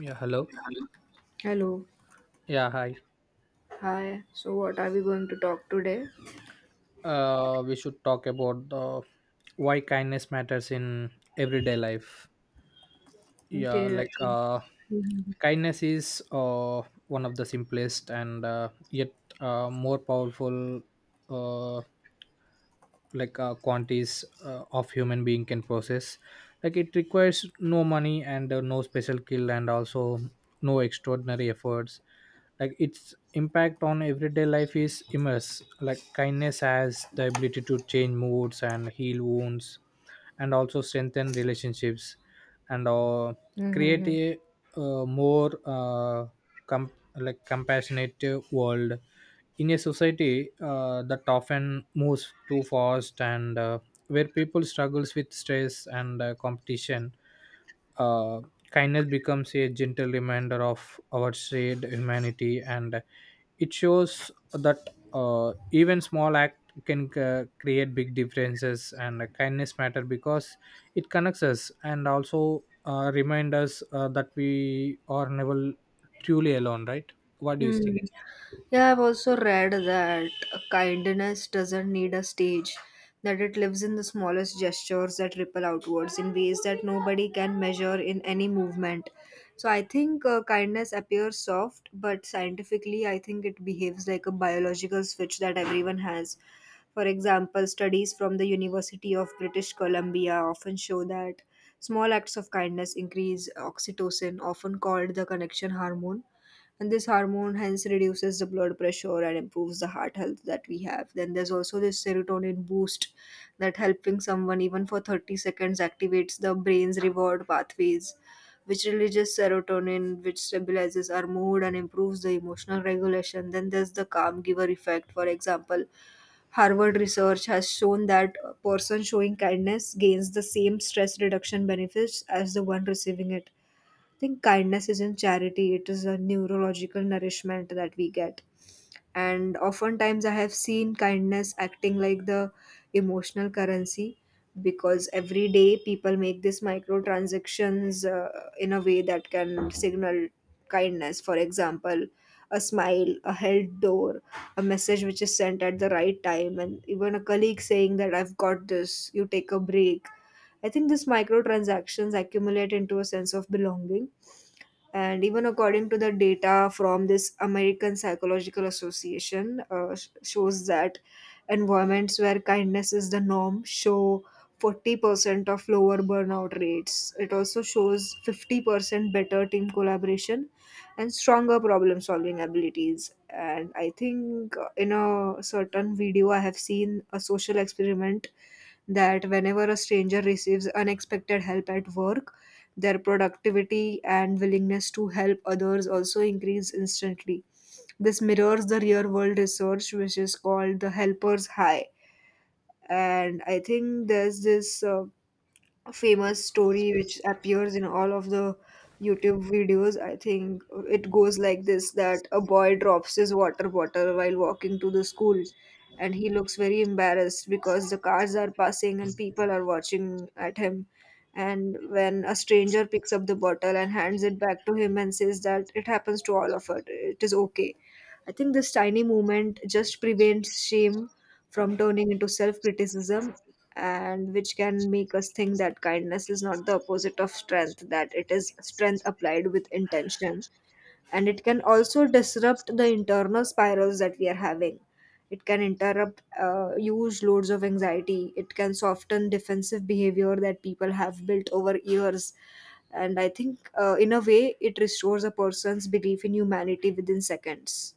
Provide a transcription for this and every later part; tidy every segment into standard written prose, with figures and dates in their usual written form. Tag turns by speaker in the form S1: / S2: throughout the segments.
S1: Yeah, hello.
S2: Hello.
S1: Yeah, hi.
S2: Hi. So, what are we going to talk today?
S1: We should talk about the why kindness matters in everyday life. Yeah,
S2: Okay, I
S1: like
S2: think.
S1: uh,
S2: Mhm.
S1: Kindness is one of the simplest and yet more powerful uh, quantities of human being can process. Like, it requires no money and no special skill, and also no extraordinary efforts. Like, its impact on everyday life is immense. Like, kindness has the ability to change moods and heal wounds and also strengthen relationships, and
S2: Mhm,
S1: create
S2: mhm.
S1: a uh, more uh, com- like compassionate world. In a society that often moves too fast and where people struggles with stress and competition, uh, kindness becomes a gentle reminder of our shared humanity, and it shows that even small act can create big differences. And kindness matter because it connects us, and also remind us that we are never truly alone, right? What do you
S2: Hmm.
S1: think?
S2: Yeah, I've also read that kindness doesn't need a stage, that it lives in the smallest gestures that ripple outwards in ways that nobody can measure in any movement. So I think kindness appears soft, but scientifically, I think it behaves like a biological switch that everyone has. For example, studies from the University of British Columbia often show that small acts of kindness increase oxytocin, often called the connection hormone, and this hormone hence reduces the blood pressure and improves the heart health that we have. Then there's also this serotonin boost, that helping someone even for 30 seconds activates the brain's reward pathways, which releases serotonin, which stabilizes our mood and improves the emotional regulation. Then there's the calm giver effect. For example, Harvard research has shown that a person showing kindness gains the same stress reduction benefits as the one receiving it. Think kindness isn't charity, it is a neurological nourishment that we get. And oftentimes, I have seen kindness acting like the emotional currency, because every day people make these micro transactions in a way that can signal kindness. For example, a smile, a held door, a message which is sent at the right time, and even a colleague saying that I've got this, you take a break. I think these micro transactions accumulate into a sense of belonging, and even according to the data from this American Psychological Association, shows that environments where kindness is the norm show 40% of lower burnout rates. It also shows 50% better team collaboration and stronger problem solving abilities. And I think in a certain video I have seen a social experiment that whenever a stranger receives unexpected help at work, their productivity and willingness to help others also increase instantly. This mirrors the real world research, which is called the helper's high. And I think there's this famous story which appears in all of the YouTube videos. I think it goes like this, that a boy drops his water bottle while walking to the school, and he looks very embarrassed because the cars are passing and people are watching at him. And when a stranger picks up the bottle and hands it back to him and says that it happens to all of us, it is okay. I think this tiny movement just prevents shame from turning into self criticism, and which can make us think that kindness is not the opposite of strength, that it is strength applied with intention. And it can also disrupt the internal spirals that we are having. It can interrupt huge loads of anxiety. It can soften defensive behavior that people have built over years. And I think, in a way, it restores a person's belief in humanity within seconds.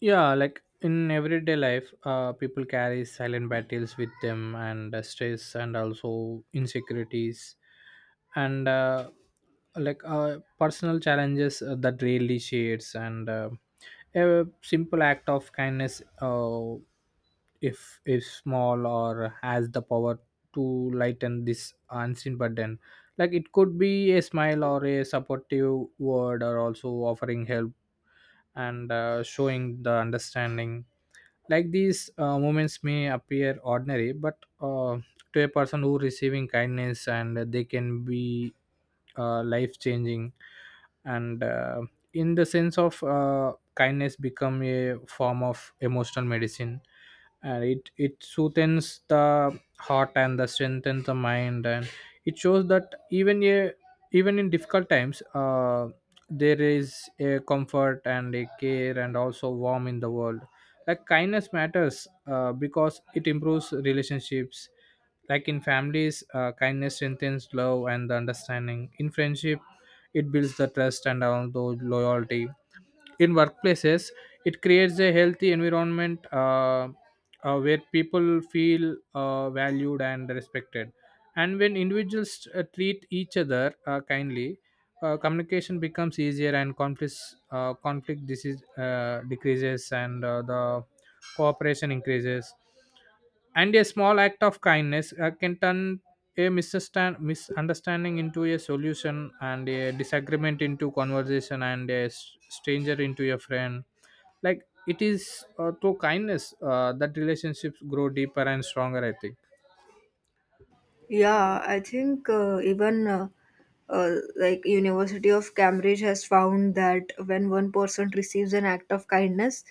S1: Yeah. Like, in everyday life people carry silent battles with them, and stress and also insecurities, and personal challenges that really shares. And a simple act of kindness, if small or, has the power to lighten this unseen burden. Like, it could be a smile or a supportive word, or also offering help and showing the understanding. Like, these moments may appear ordinary, but to a person who receiving kindness, and they can be life changing. And in the sense of kindness become a form of emotional medicine, and it soothes the heart and the strengthens the mind. And it shows that even in difficult times there is a comfort and a care and also warm in the world. Like, kindness matters because it improves relationships. Like, in families, kindness strengthens love and the understanding. In friendship, it builds the trust and also loyalty. In workplaces, it creates a healthy environment where people feel valued and respected. And when individuals treat each other kindly, communication becomes easier, and conflict disease decreases, and the cooperation increases. And a small act of kindness can turn a misunderstanding into a solution, and a disagreement into conversation, and a stranger into a friend. Like, it is through kindness that relationships grow deeper and stronger, I think.
S2: Yeah, I think even like University of Cambridge has found that when one person receives an act of kindness,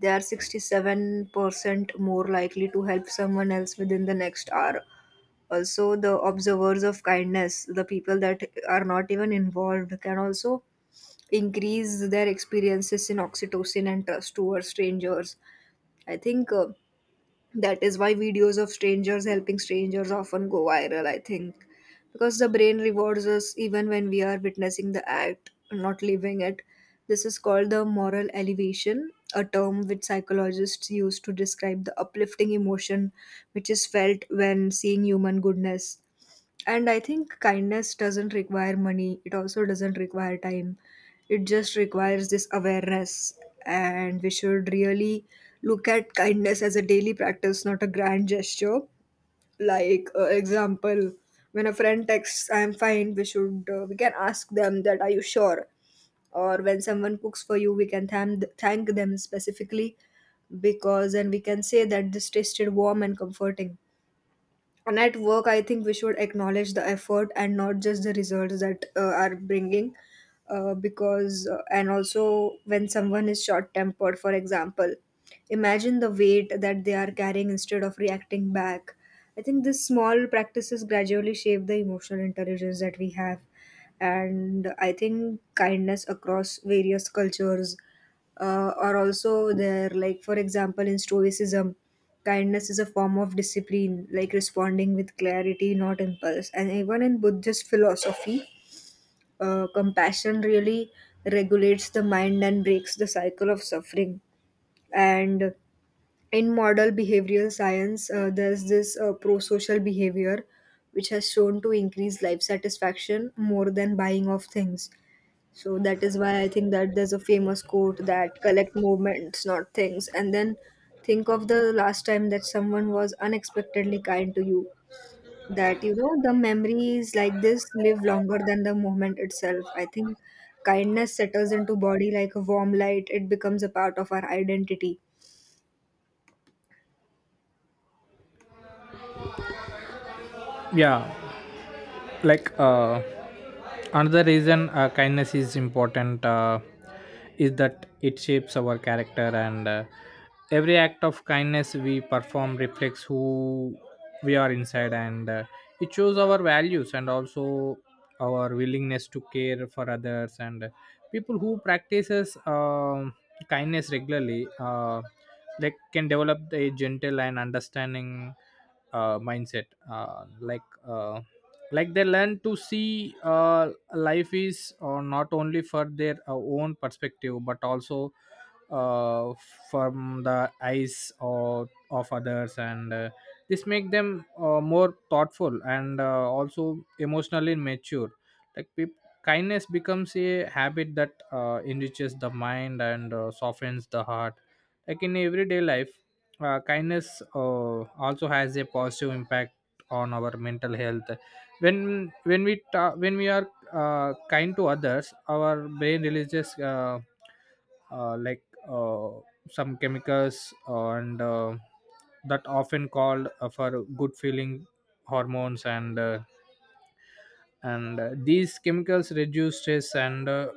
S2: they are 67% more likely to help someone else within the next hour. Also, the observers of kindness, the people that are not even involved, can also increase their experiences in oxytocin and trust towards strangers. I think that is why videos of strangers helping strangers often go viral, I think, because the brain rewards us even when we are witnessing the act, not living it. This is called the moral elevation, a term which psychologists use to describe the uplifting emotion which is felt when seeing human goodness. And I think kindness doesn't require money, it also doesn't require time. It just requires this awareness. And we should really look at kindness as a daily practice, not a grand gesture. Like, example, when a friend texts, I am fine, we should, we can ask them that, are you sure? Or when someone cooks for you, we can thank them specifically, because then we can say that this tasted warm and comforting. And at work I think we should acknowledge the effort and not just the results that are bringing, because and also when someone is short tempered, for example, imagine the weight that they are carrying instead of reacting back. I think these small practices gradually shape the emotional intelligence that we have. And I think kindness across various cultures are also there. Like, for example, in Stoicism, kindness is a form of discipline, like responding with clarity, not impulse. And even in Buddhist philosophy, compassion really regulates the mind and breaks the cycle of suffering. And in model behavioral science, there's this pro social behavior which has shown to increase life satisfaction more than buying of things. So that is why I think that there's a famous quote that collect movements, not things. And then think of the last time that someone was unexpectedly kind to you. That, you know, the memories like this live longer than the movement itself. I think kindness settles into body like a warm light. It becomes a part of our identity.
S1: Yeah. like uh, Another reason kindness is important is that it shapes our character. And every act of kindness we perform reflects who we are inside, and it shows our values and also our willingness to care for others. And people who practices kindness regularly like can develop a gentle and understanding mindset. Like, they learn to see life is not only for their own perspective, but also uh, from the eyes of others. And this make them more thoughtful, and also emotionally mature. Like peop Kindness becomes a habit that enriches the mind and softens the heart. Like, in everyday life, kindness also has a positive impact on our mental health. When we are kind to others, our brain releases uh, like uh, some chemicals, and that often called for good feeling hormones. And these chemicals reduce stress and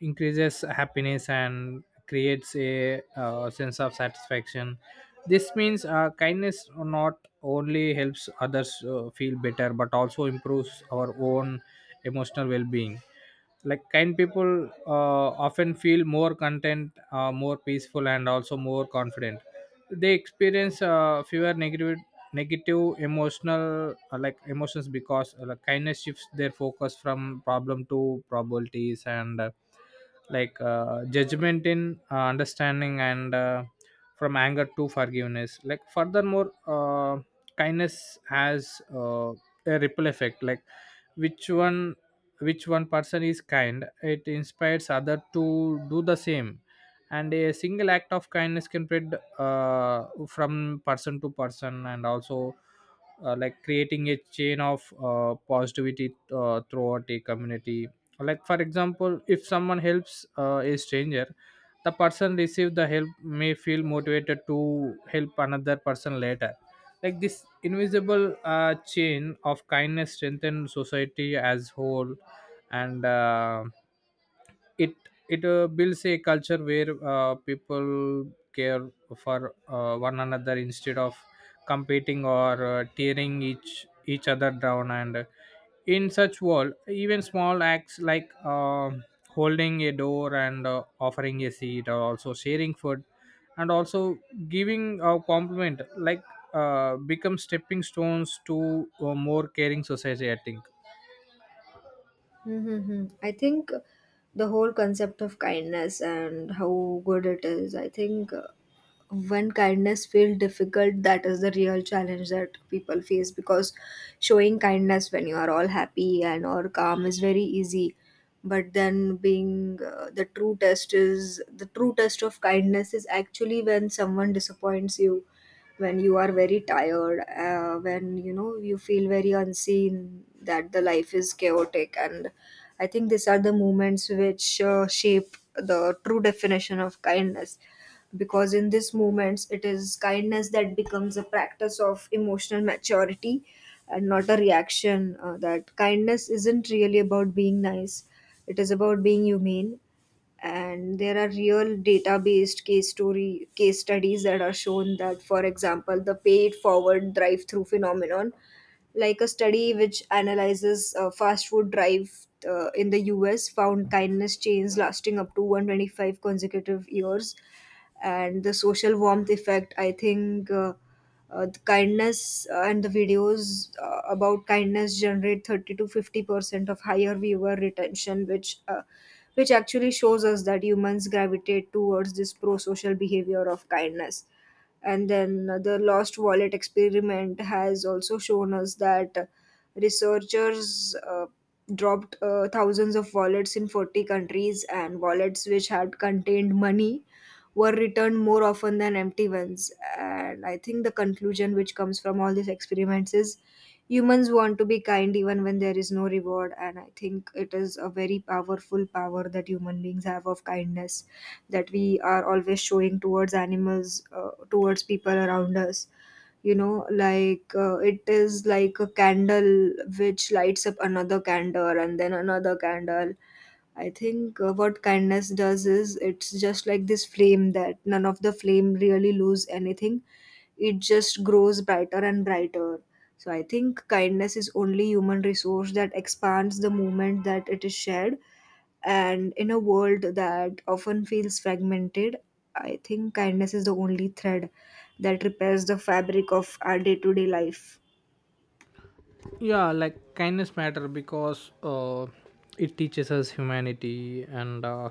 S1: increases happiness and creates a sense of satisfaction. This means kindness not only helps others feel better, but also improves our own emotional well-being. Like, kind people uh, often feel more content, more peaceful, and also more confident. They experience fewer negative emotional emotions, because like kindness shifts their focus from problem to probabilities, and judgment in understanding, and from anger to forgiveness. Like, furthermore, kindness has a ripple effect. Like, which one which one person is kind, it inspires other to do the same, and a single act of kindness can spread from person to person, and also like creating a chain of positivity throughout a community. Like, for example, if someone helps a stranger, the person receive the help may feel motivated to help another person later. Like, this invisible chain of kindness strengthen society as whole. And it it builds a culture where people care for one another instead of competing or tearing each other down. And in such world, even small acts like holding a door, and offering a seat, or also sharing food, and also giving a compliment, like become stepping stones to a more caring society, I think.
S2: Mm-hmm. I think the whole concept of kindness and how good it is, I think when kindness feels difficult, that is the real challenge that people face, because showing kindness when you are all happy and or calm is very easy. But then being the true test is the true test of kindness is actually when someone disappoints you, when you are very tired, when you know you feel very unseen, that the life is chaotic. And I think these are the moments which shape the true definition of kindness, because in these moments it is kindness that becomes a practice of emotional maturity and not a reaction. That kindness isn't really about being nice, it is about being humane. And there are real data based case studies that are shown, that for example, the paid forward drive through phenomenon, like a study which analyzes fast food drive in the US, found kindness chains lasting up to 125 consecutive years. And the social warmth effect, I think, the kindness and the videos about kindness generate 30 to 50% of higher viewer retention, which actually shows us that humans gravitate towards this pro-social behavior of kindness. And then the lost wallet experiment has also shown us that, researchers dropped thousands of wallets in 40 countries, and wallets which had contained money were returned more often than empty ones. And I think the conclusion which comes from all these experiments is humans want to be kind even when there is no reward. And I think it is a very powerful power that human beings have of kindness, that we are always showing towards animals, towards people around us. You know, it is like a candle which lights up another candle and then another candle. I think what kindness does is it's just like this flame that none of the flame really lose anything. It just grows brighter and brighter. So I think kindness is only human resource that expands the moment that it is shared. And in a world that often feels fragmented, I think kindness is the only thread that repairs the fabric of our day-to-day life.
S1: Yeah. Like, kindness matter because it teaches us humanity, and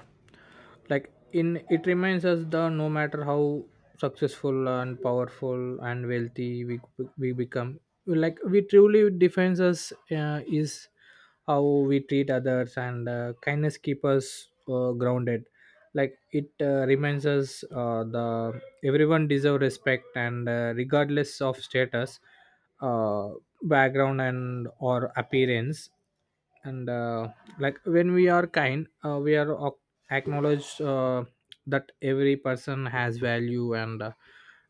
S1: like in it reminds us the no matter how successful and powerful and wealthy we become, like we truly defines us is how we treat others. And kindness keep us grounded. Like, it reminds us the everyone deserve respect, and regardless of status, uh, background, and or appearance. And like when we are kind, we are acknowledge that every person has value. And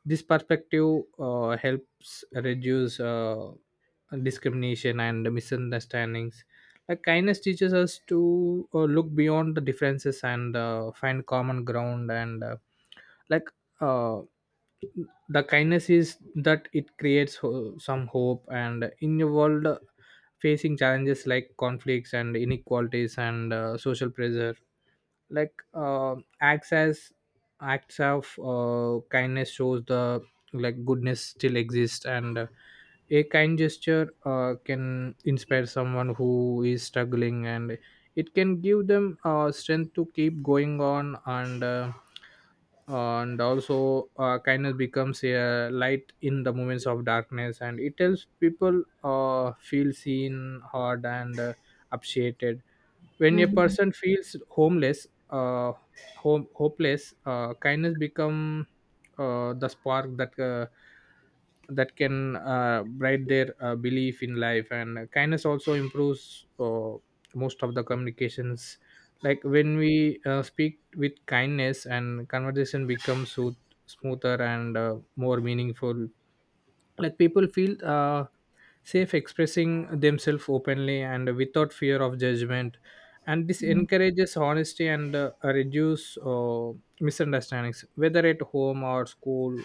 S1: this perspective helps reduce discrimination and misunderstandings. Like, kindness teaches us to look beyond the differences and find common ground. And like uh, the kindness is that it creates some hope. And in a world facing challenges like conflicts and inequalities and social pressure, like uh, acts as acts of kindness shows the like goodness still exists. And a kind gesture can inspire someone who is struggling, and it can give them strength to keep going on. And also kindness becomes a light in the moments of darkness, and it helps people feel seen, heard, and appreciated. When a
S2: Mhm.
S1: person feels hopeless, kindness become the spark that can bright their belief in life. And kindness also improves most of the communications. Like, when we speak with kindness, and conversation becomes smoother and more meaningful. Like, people feel safe expressing themselves openly and without fear of judgment, and this encourages honesty and reduce misunderstandings, whether at home or school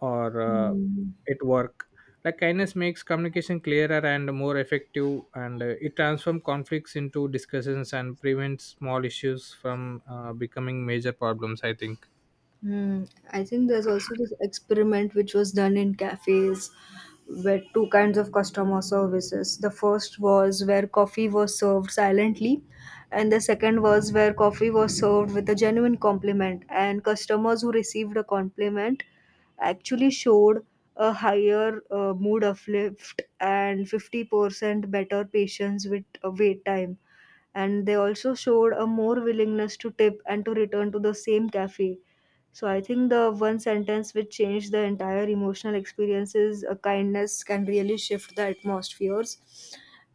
S1: or
S2: Mhm.
S1: at work. Like, kindness makes communication clearer and more effective, and it transforms conflicts into discussions and prevents small issues from becoming major problems, I think.
S2: Hmm. I think there's also this experiment which was done in cafes, where two kinds of customer services. The first was where coffee was served silently, and the second was where coffee was served with a genuine compliment. And customers who received a compliment actually showed a higher mood uplift and 50% better patience with wait time, and they also showed a more willingness to tip and to return to the same cafe. So I think the one sentence which changed the entire emotional experience is, kindness can really shift the atmospheres.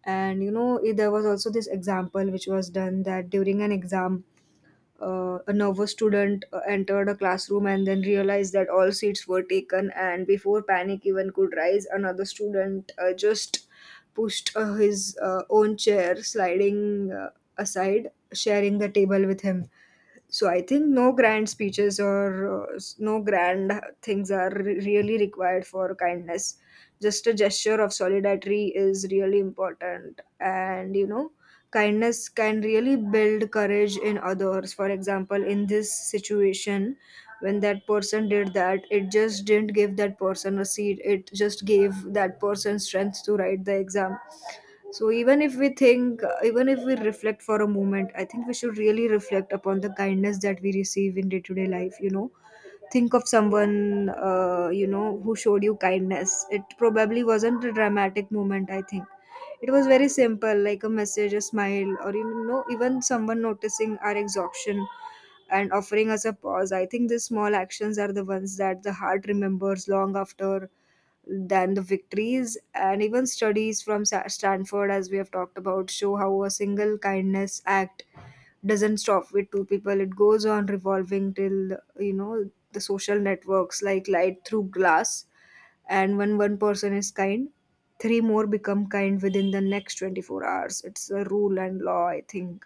S2: And you know, there was also this example which was done that during an exam, a nervous student entered a classroom and then realized that all seats were taken, and before panic even could rise, another student just pushed his own chair, sliding aside, sharing the table with him. So I think no grand speeches or no grand things are really required for kindness. Just a gesture of solidarity is really important. And you know, kindness can really build courage in others. For example, in this situation, when that person did that, it just didn't give that person a seat, it just gave that person strength to write the exam. So even if we think, even if we reflect for a moment, I think we should really reflect upon the kindness that we receive in day to day life. Think of someone who showed you kindness. It probably wasn't a dramatic moment. I think it was very simple, like a message, a smile, or even someone noticing our exhaustion and offering us a pause. I think these small actions are the ones that the heart remembers long after than the victories. And even studies from Stanford, as we have talked about, show how a single kindness act doesn't stop with two people. It goes on revolving till the social networks, like light through glass. And when one person is kind, three more become kind within the next 24 hours. It's a rule and law, I think.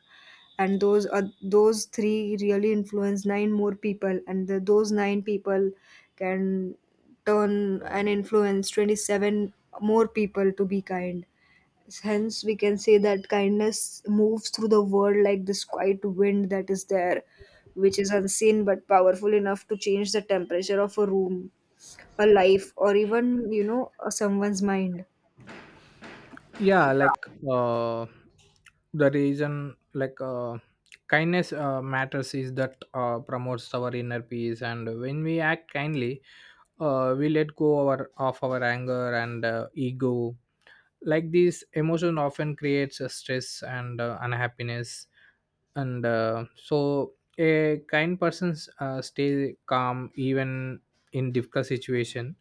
S2: And those are, those three really influence nine more people, and those nine people can turn and influence 27 more people to be kind. Hence, we can say that kindness moves through the world like this quiet wind that is there, which is unseen but powerful enough to change the temperature of a room, a life, or even, someone's mind.
S1: Yeah. Like uh the reason kindness matters is that promotes our inner peace. And when we act kindly, we let go our of our anger and ego. Like, this emotion often creates a stress and unhappiness, and so a kind person stay calm even in difficult situation,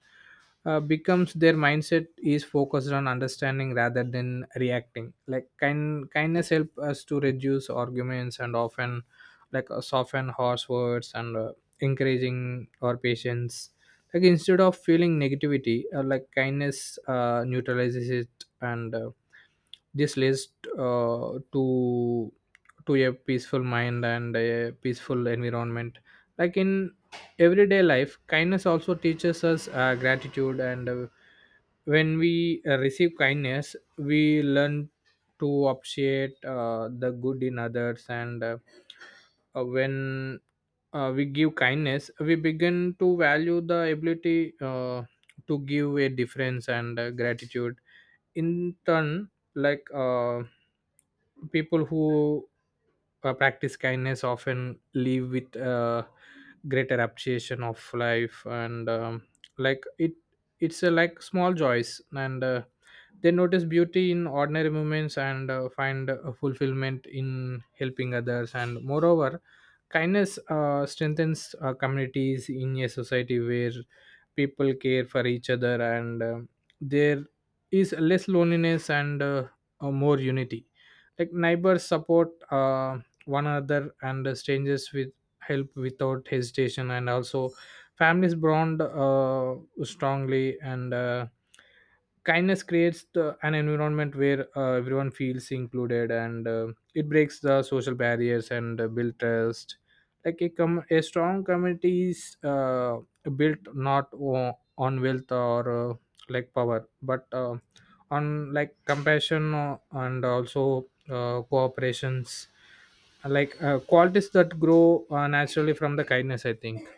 S1: becomes their mindset is focused on understanding rather than reacting. Like, kindness help us to reduce arguments, and often like soften harsh words, and encouraging our patience. Like, instead of feeling negativity, like kindness neutralizes it, and this leads uh, to to a peaceful mind and a peaceful environment. Like, in everyday life, kindness also teaches us gratitude. And when we receive kindness, we learn to appreciate the good in others. And when we give kindness, we begin to value the ability to give a difference. And gratitude in turn, like people who practice kindness often live with greater appreciation of life. And like it it's a like small joys, and they notice beauty in ordinary moments and find fulfillment in helping others. And moreover, kindness strengthens communities. In a society where people care for each other, and their is less loneliness, and more unity. Like, neighbors support one another, and strangers with help without hesitation, and also families bond strongly. And kindness creates an environment where everyone feels included, and it breaks the social barriers and build trust. Like, a strong community is built not on wealth or like power, but on like compassion and also cooperations, like qualities that grow naturally from the kindness, I think.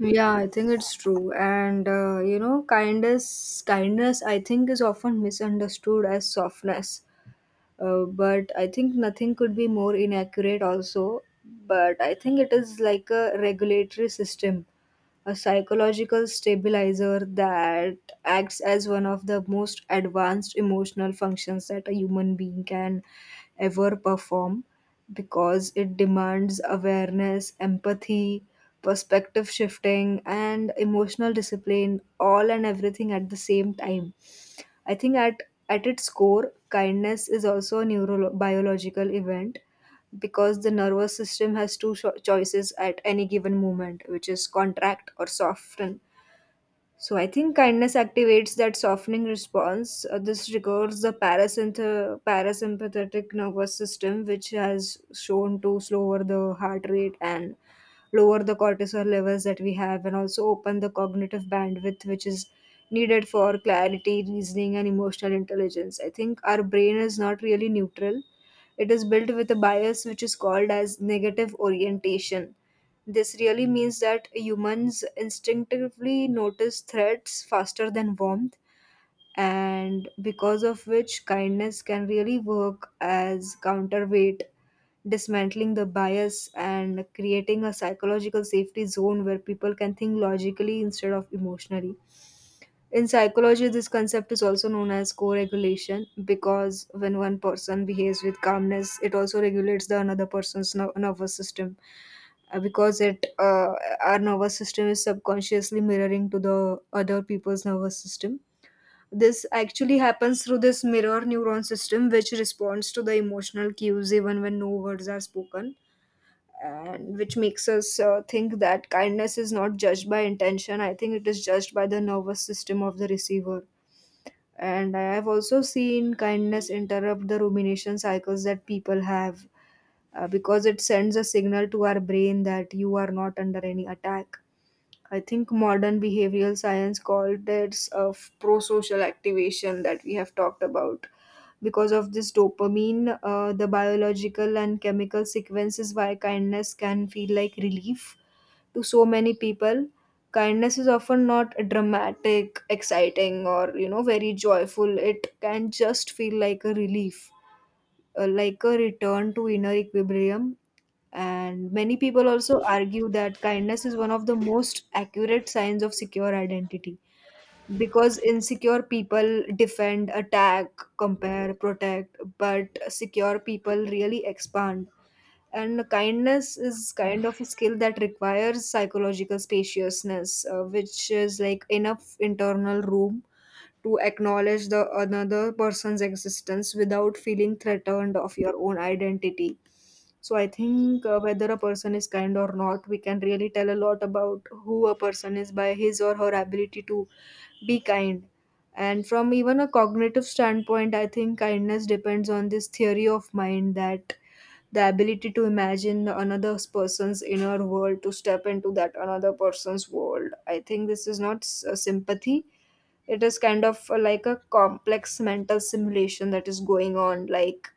S2: Yeah, I think it's true. And, kindness, I think, is often misunderstood as softness. But I think nothing could be more inaccurate also. But I think it is like a regulatory system, a psychological stabilizer that acts as one of the most advanced emotional functions that a human being can ever perform, because it demands awareness, empathy, perspective shifting, and emotional discipline, all and everything at the same time. I think at its core, kindness is also a neurobiological event, because the nervous system has two choices at any given moment, which is contract or soften. So I think kindness activates that softening response. This regards the parasympathetic nervous system, which has shown to slower the heart rate and lower the cortisol levels that we have, and also open the cognitive bandwidth, which is needed for clarity, reasoning, and emotional intelligence. I think our brain is not really neutral. It is built with a bias which is called as negative orientation. This really means that humans instinctively notice threats faster than warmth, and because of which, kindness can really work as counterweight, dismantling the bias and creating a psychological safety zone where people can think logically instead of emotionally. In psychology, this concept is also known as co regulation, because when one person behaves with calmness, it also regulates the another person's nervous system. Because it, our nervous system is subconsciously mirroring to the other people's nervous system. This actually happens through this mirror neuron system, which responds to the emotional cues even when no words are spoken, and which makes us think that kindness is not judged by intention. I think it is judged by the nervous system of the receiver. And I have also seen kindness interrupt the rumination cycles that people have, because it sends a signal to our brain that you are not under any attack. I think modern behavioral science called this a pro social activation that we have talked about. Because of this dopamine, the biological and chemical sequences why kindness can feel like relief to so many people. Kindness is often not dramatic, exciting, or, very joyful. It can just feel like a relief, like a return to inner equilibrium. And many people also argue that kindness is one of the most accurate signs of secure identity, because insecure people defend, attack, compare, protect, but secure people really expand. And kindness is kind of a skill that requires psychological spaciousness, which is like enough internal room to acknowledge the another person's existence without feeling threatened of your own identity. So I think whether a person is kind or not, we can really tell a lot about who a person is by his or her ability to be kind. And from even a cognitive standpoint, I think kindness depends on this theory of mind, that the ability to imagine another person's inner world, to step into that another person's world. I think this is not sympathy. It is kind of like a complex mental simulation that is going on, like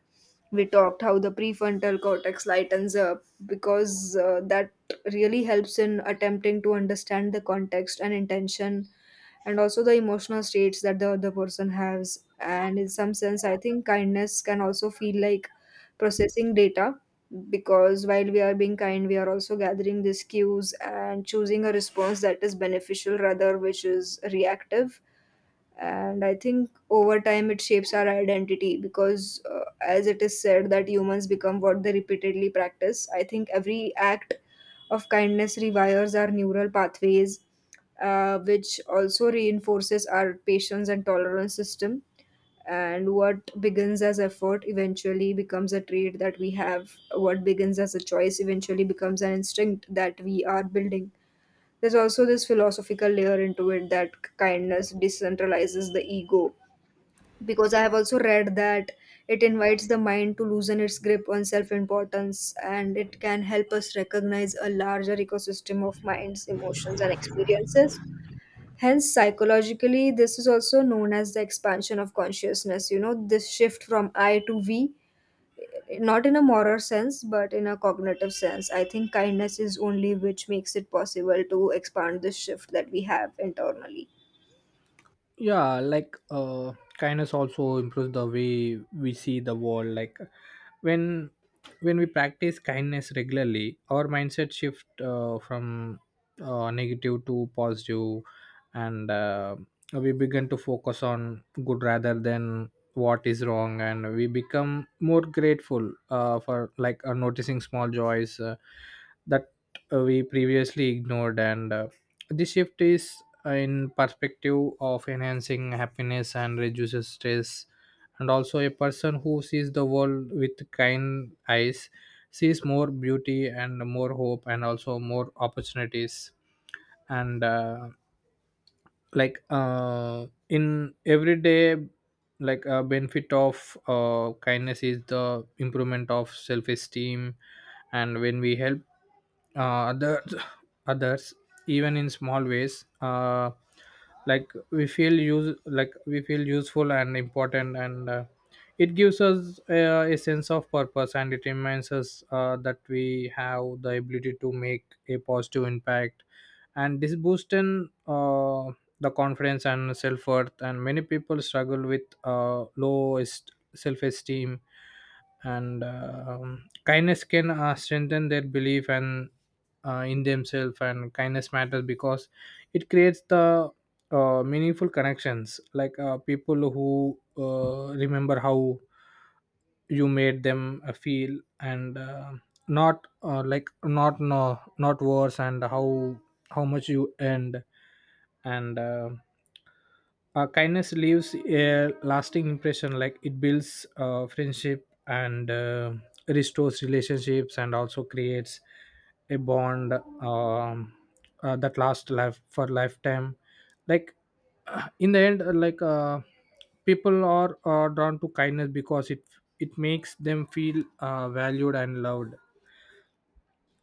S2: we talked how the prefrontal cortex lightens up, because that really helps in attempting to understand the context and intention, and also the emotional states that the other person has. And in some sense, I think kindness can also feel like processing data, because while we are being kind, we are also gathering these cues and choosing a response that is beneficial rather which is reactive. And I think over time it shapes our identity, because as it is said that humans become what they repeatedly practice. I think every act of kindness rewires our neural pathways, which also reinforces our patience and tolerance system. And what begins as effort eventually becomes a trait that we have. What begins as a choice eventually becomes an instinct that we are building. There's also this philosophical layer into it, that kindness decentralizes the ego. Because I have also read that it invites the mind to loosen its grip on self importance, and it can help us recognize a larger ecosystem of minds, emotions, and experiences. Hence, psychologically, this is also known as the expansion of consciousness. You know, this shift from I to we, not in a moral sense but in a cognitive sense. I think kindness is only which makes it possible to expand this shift that we have internally.
S1: Yeah. Kindness also improves the way we see the world. Like, when when we practice kindness regularly, our mindset shift from negative to positive. And we begin to focus on good rather than what is wrong, and we become more grateful for like noticing small joys that we previously ignored. And this shift is in perspective of enhancing happiness and reduces stress. And also, a person who sees the world with kind eyes sees more beauty and more hope and also more opportunities. And in everyday, like a benefit of kindness is the improvement of self-esteem. And when we help uh, other, others even in small ways, like we feel useful and important. And it gives us a sense of purpose, and it reminds us that we have the ability to make a positive impact. And this boosts in the confidence and self-worth. And many people struggle with self-esteem, and kindness can strengthen their belief, and in themselves. And kindness matters because it creates the meaningful connections. Like, people who remember how you made them feel, and not not worse, and how much you earned. And kindness leaves a lasting impression. Like, it builds friendship and restores relationships, and also creates a bond um, that lasts life for lifetime. Like, in the end, people are drawn to kindness because it makes them feel valued and loved.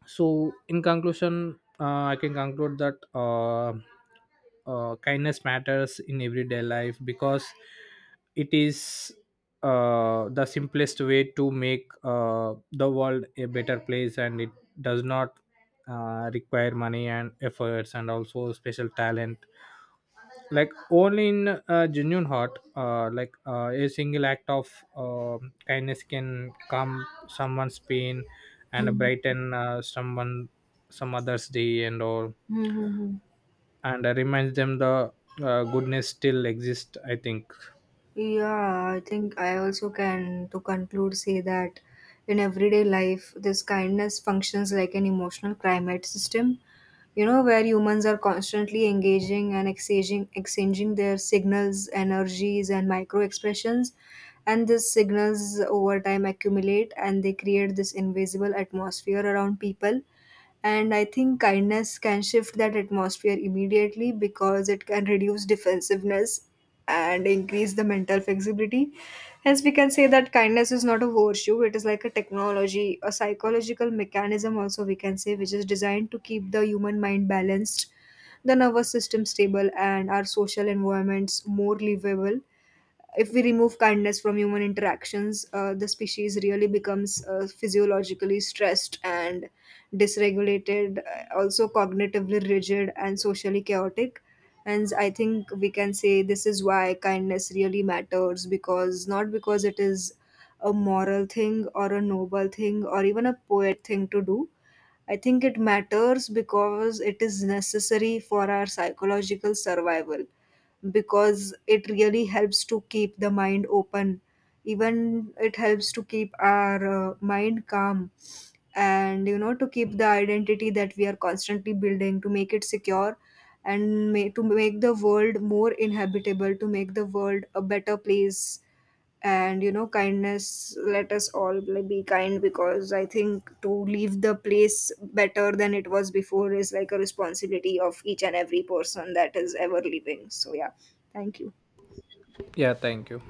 S1: So in conclusion, I can conclude that kindness matters in everyday life because it is the simplest way to make the world a better place, and it does not require money and efforts and also special talent. Like, only in a genuine heart, a single act of uh, kindness can calm someone's pain, and brighten someone some others day and all,
S2: Mm-hmm.
S1: and reminds them the goodness still exists, I think.
S2: Yeah, I think I also can, to conclude, say that in everyday life, this kindness functions like an emotional climate system, you know, where humans are constantly engaging and exchanging their signals, energies, and micro expressions. And these signals over time accumulate and they create this invisible atmosphere around people. And I think kindness can shift that atmosphere immediately because it can reduce defensiveness and increase the mental flexibility. Hence, we can say that kindness is not a virtue, it is like a technology, a psychological mechanism, also, we can say, which is designed to keep the human mind balanced, the nervous system stable, and our social environments more livable. If we remove kindness from human interactions, the species really becomes physiologically stressed and dysregulated, also cognitively rigid and socially chaotic. And I think we can say this is why kindness really matters, because not because it is a moral thing or a noble thing or even a poet thing to do. I think it matters because it is necessary for our psychological survival, because it really helps to keep the mind open. Even it helps to keep our mind calm, and, you know, to keep the identity that we are constantly building, to make it secure, and to make the world more inhabitable, to make the world a better place. And you know, kindness let us all, like, be kind, because I think to leave the place better than it was before is like a responsibility of each and every person that is ever living. So yeah, thank you.
S1: Yeah, thank you.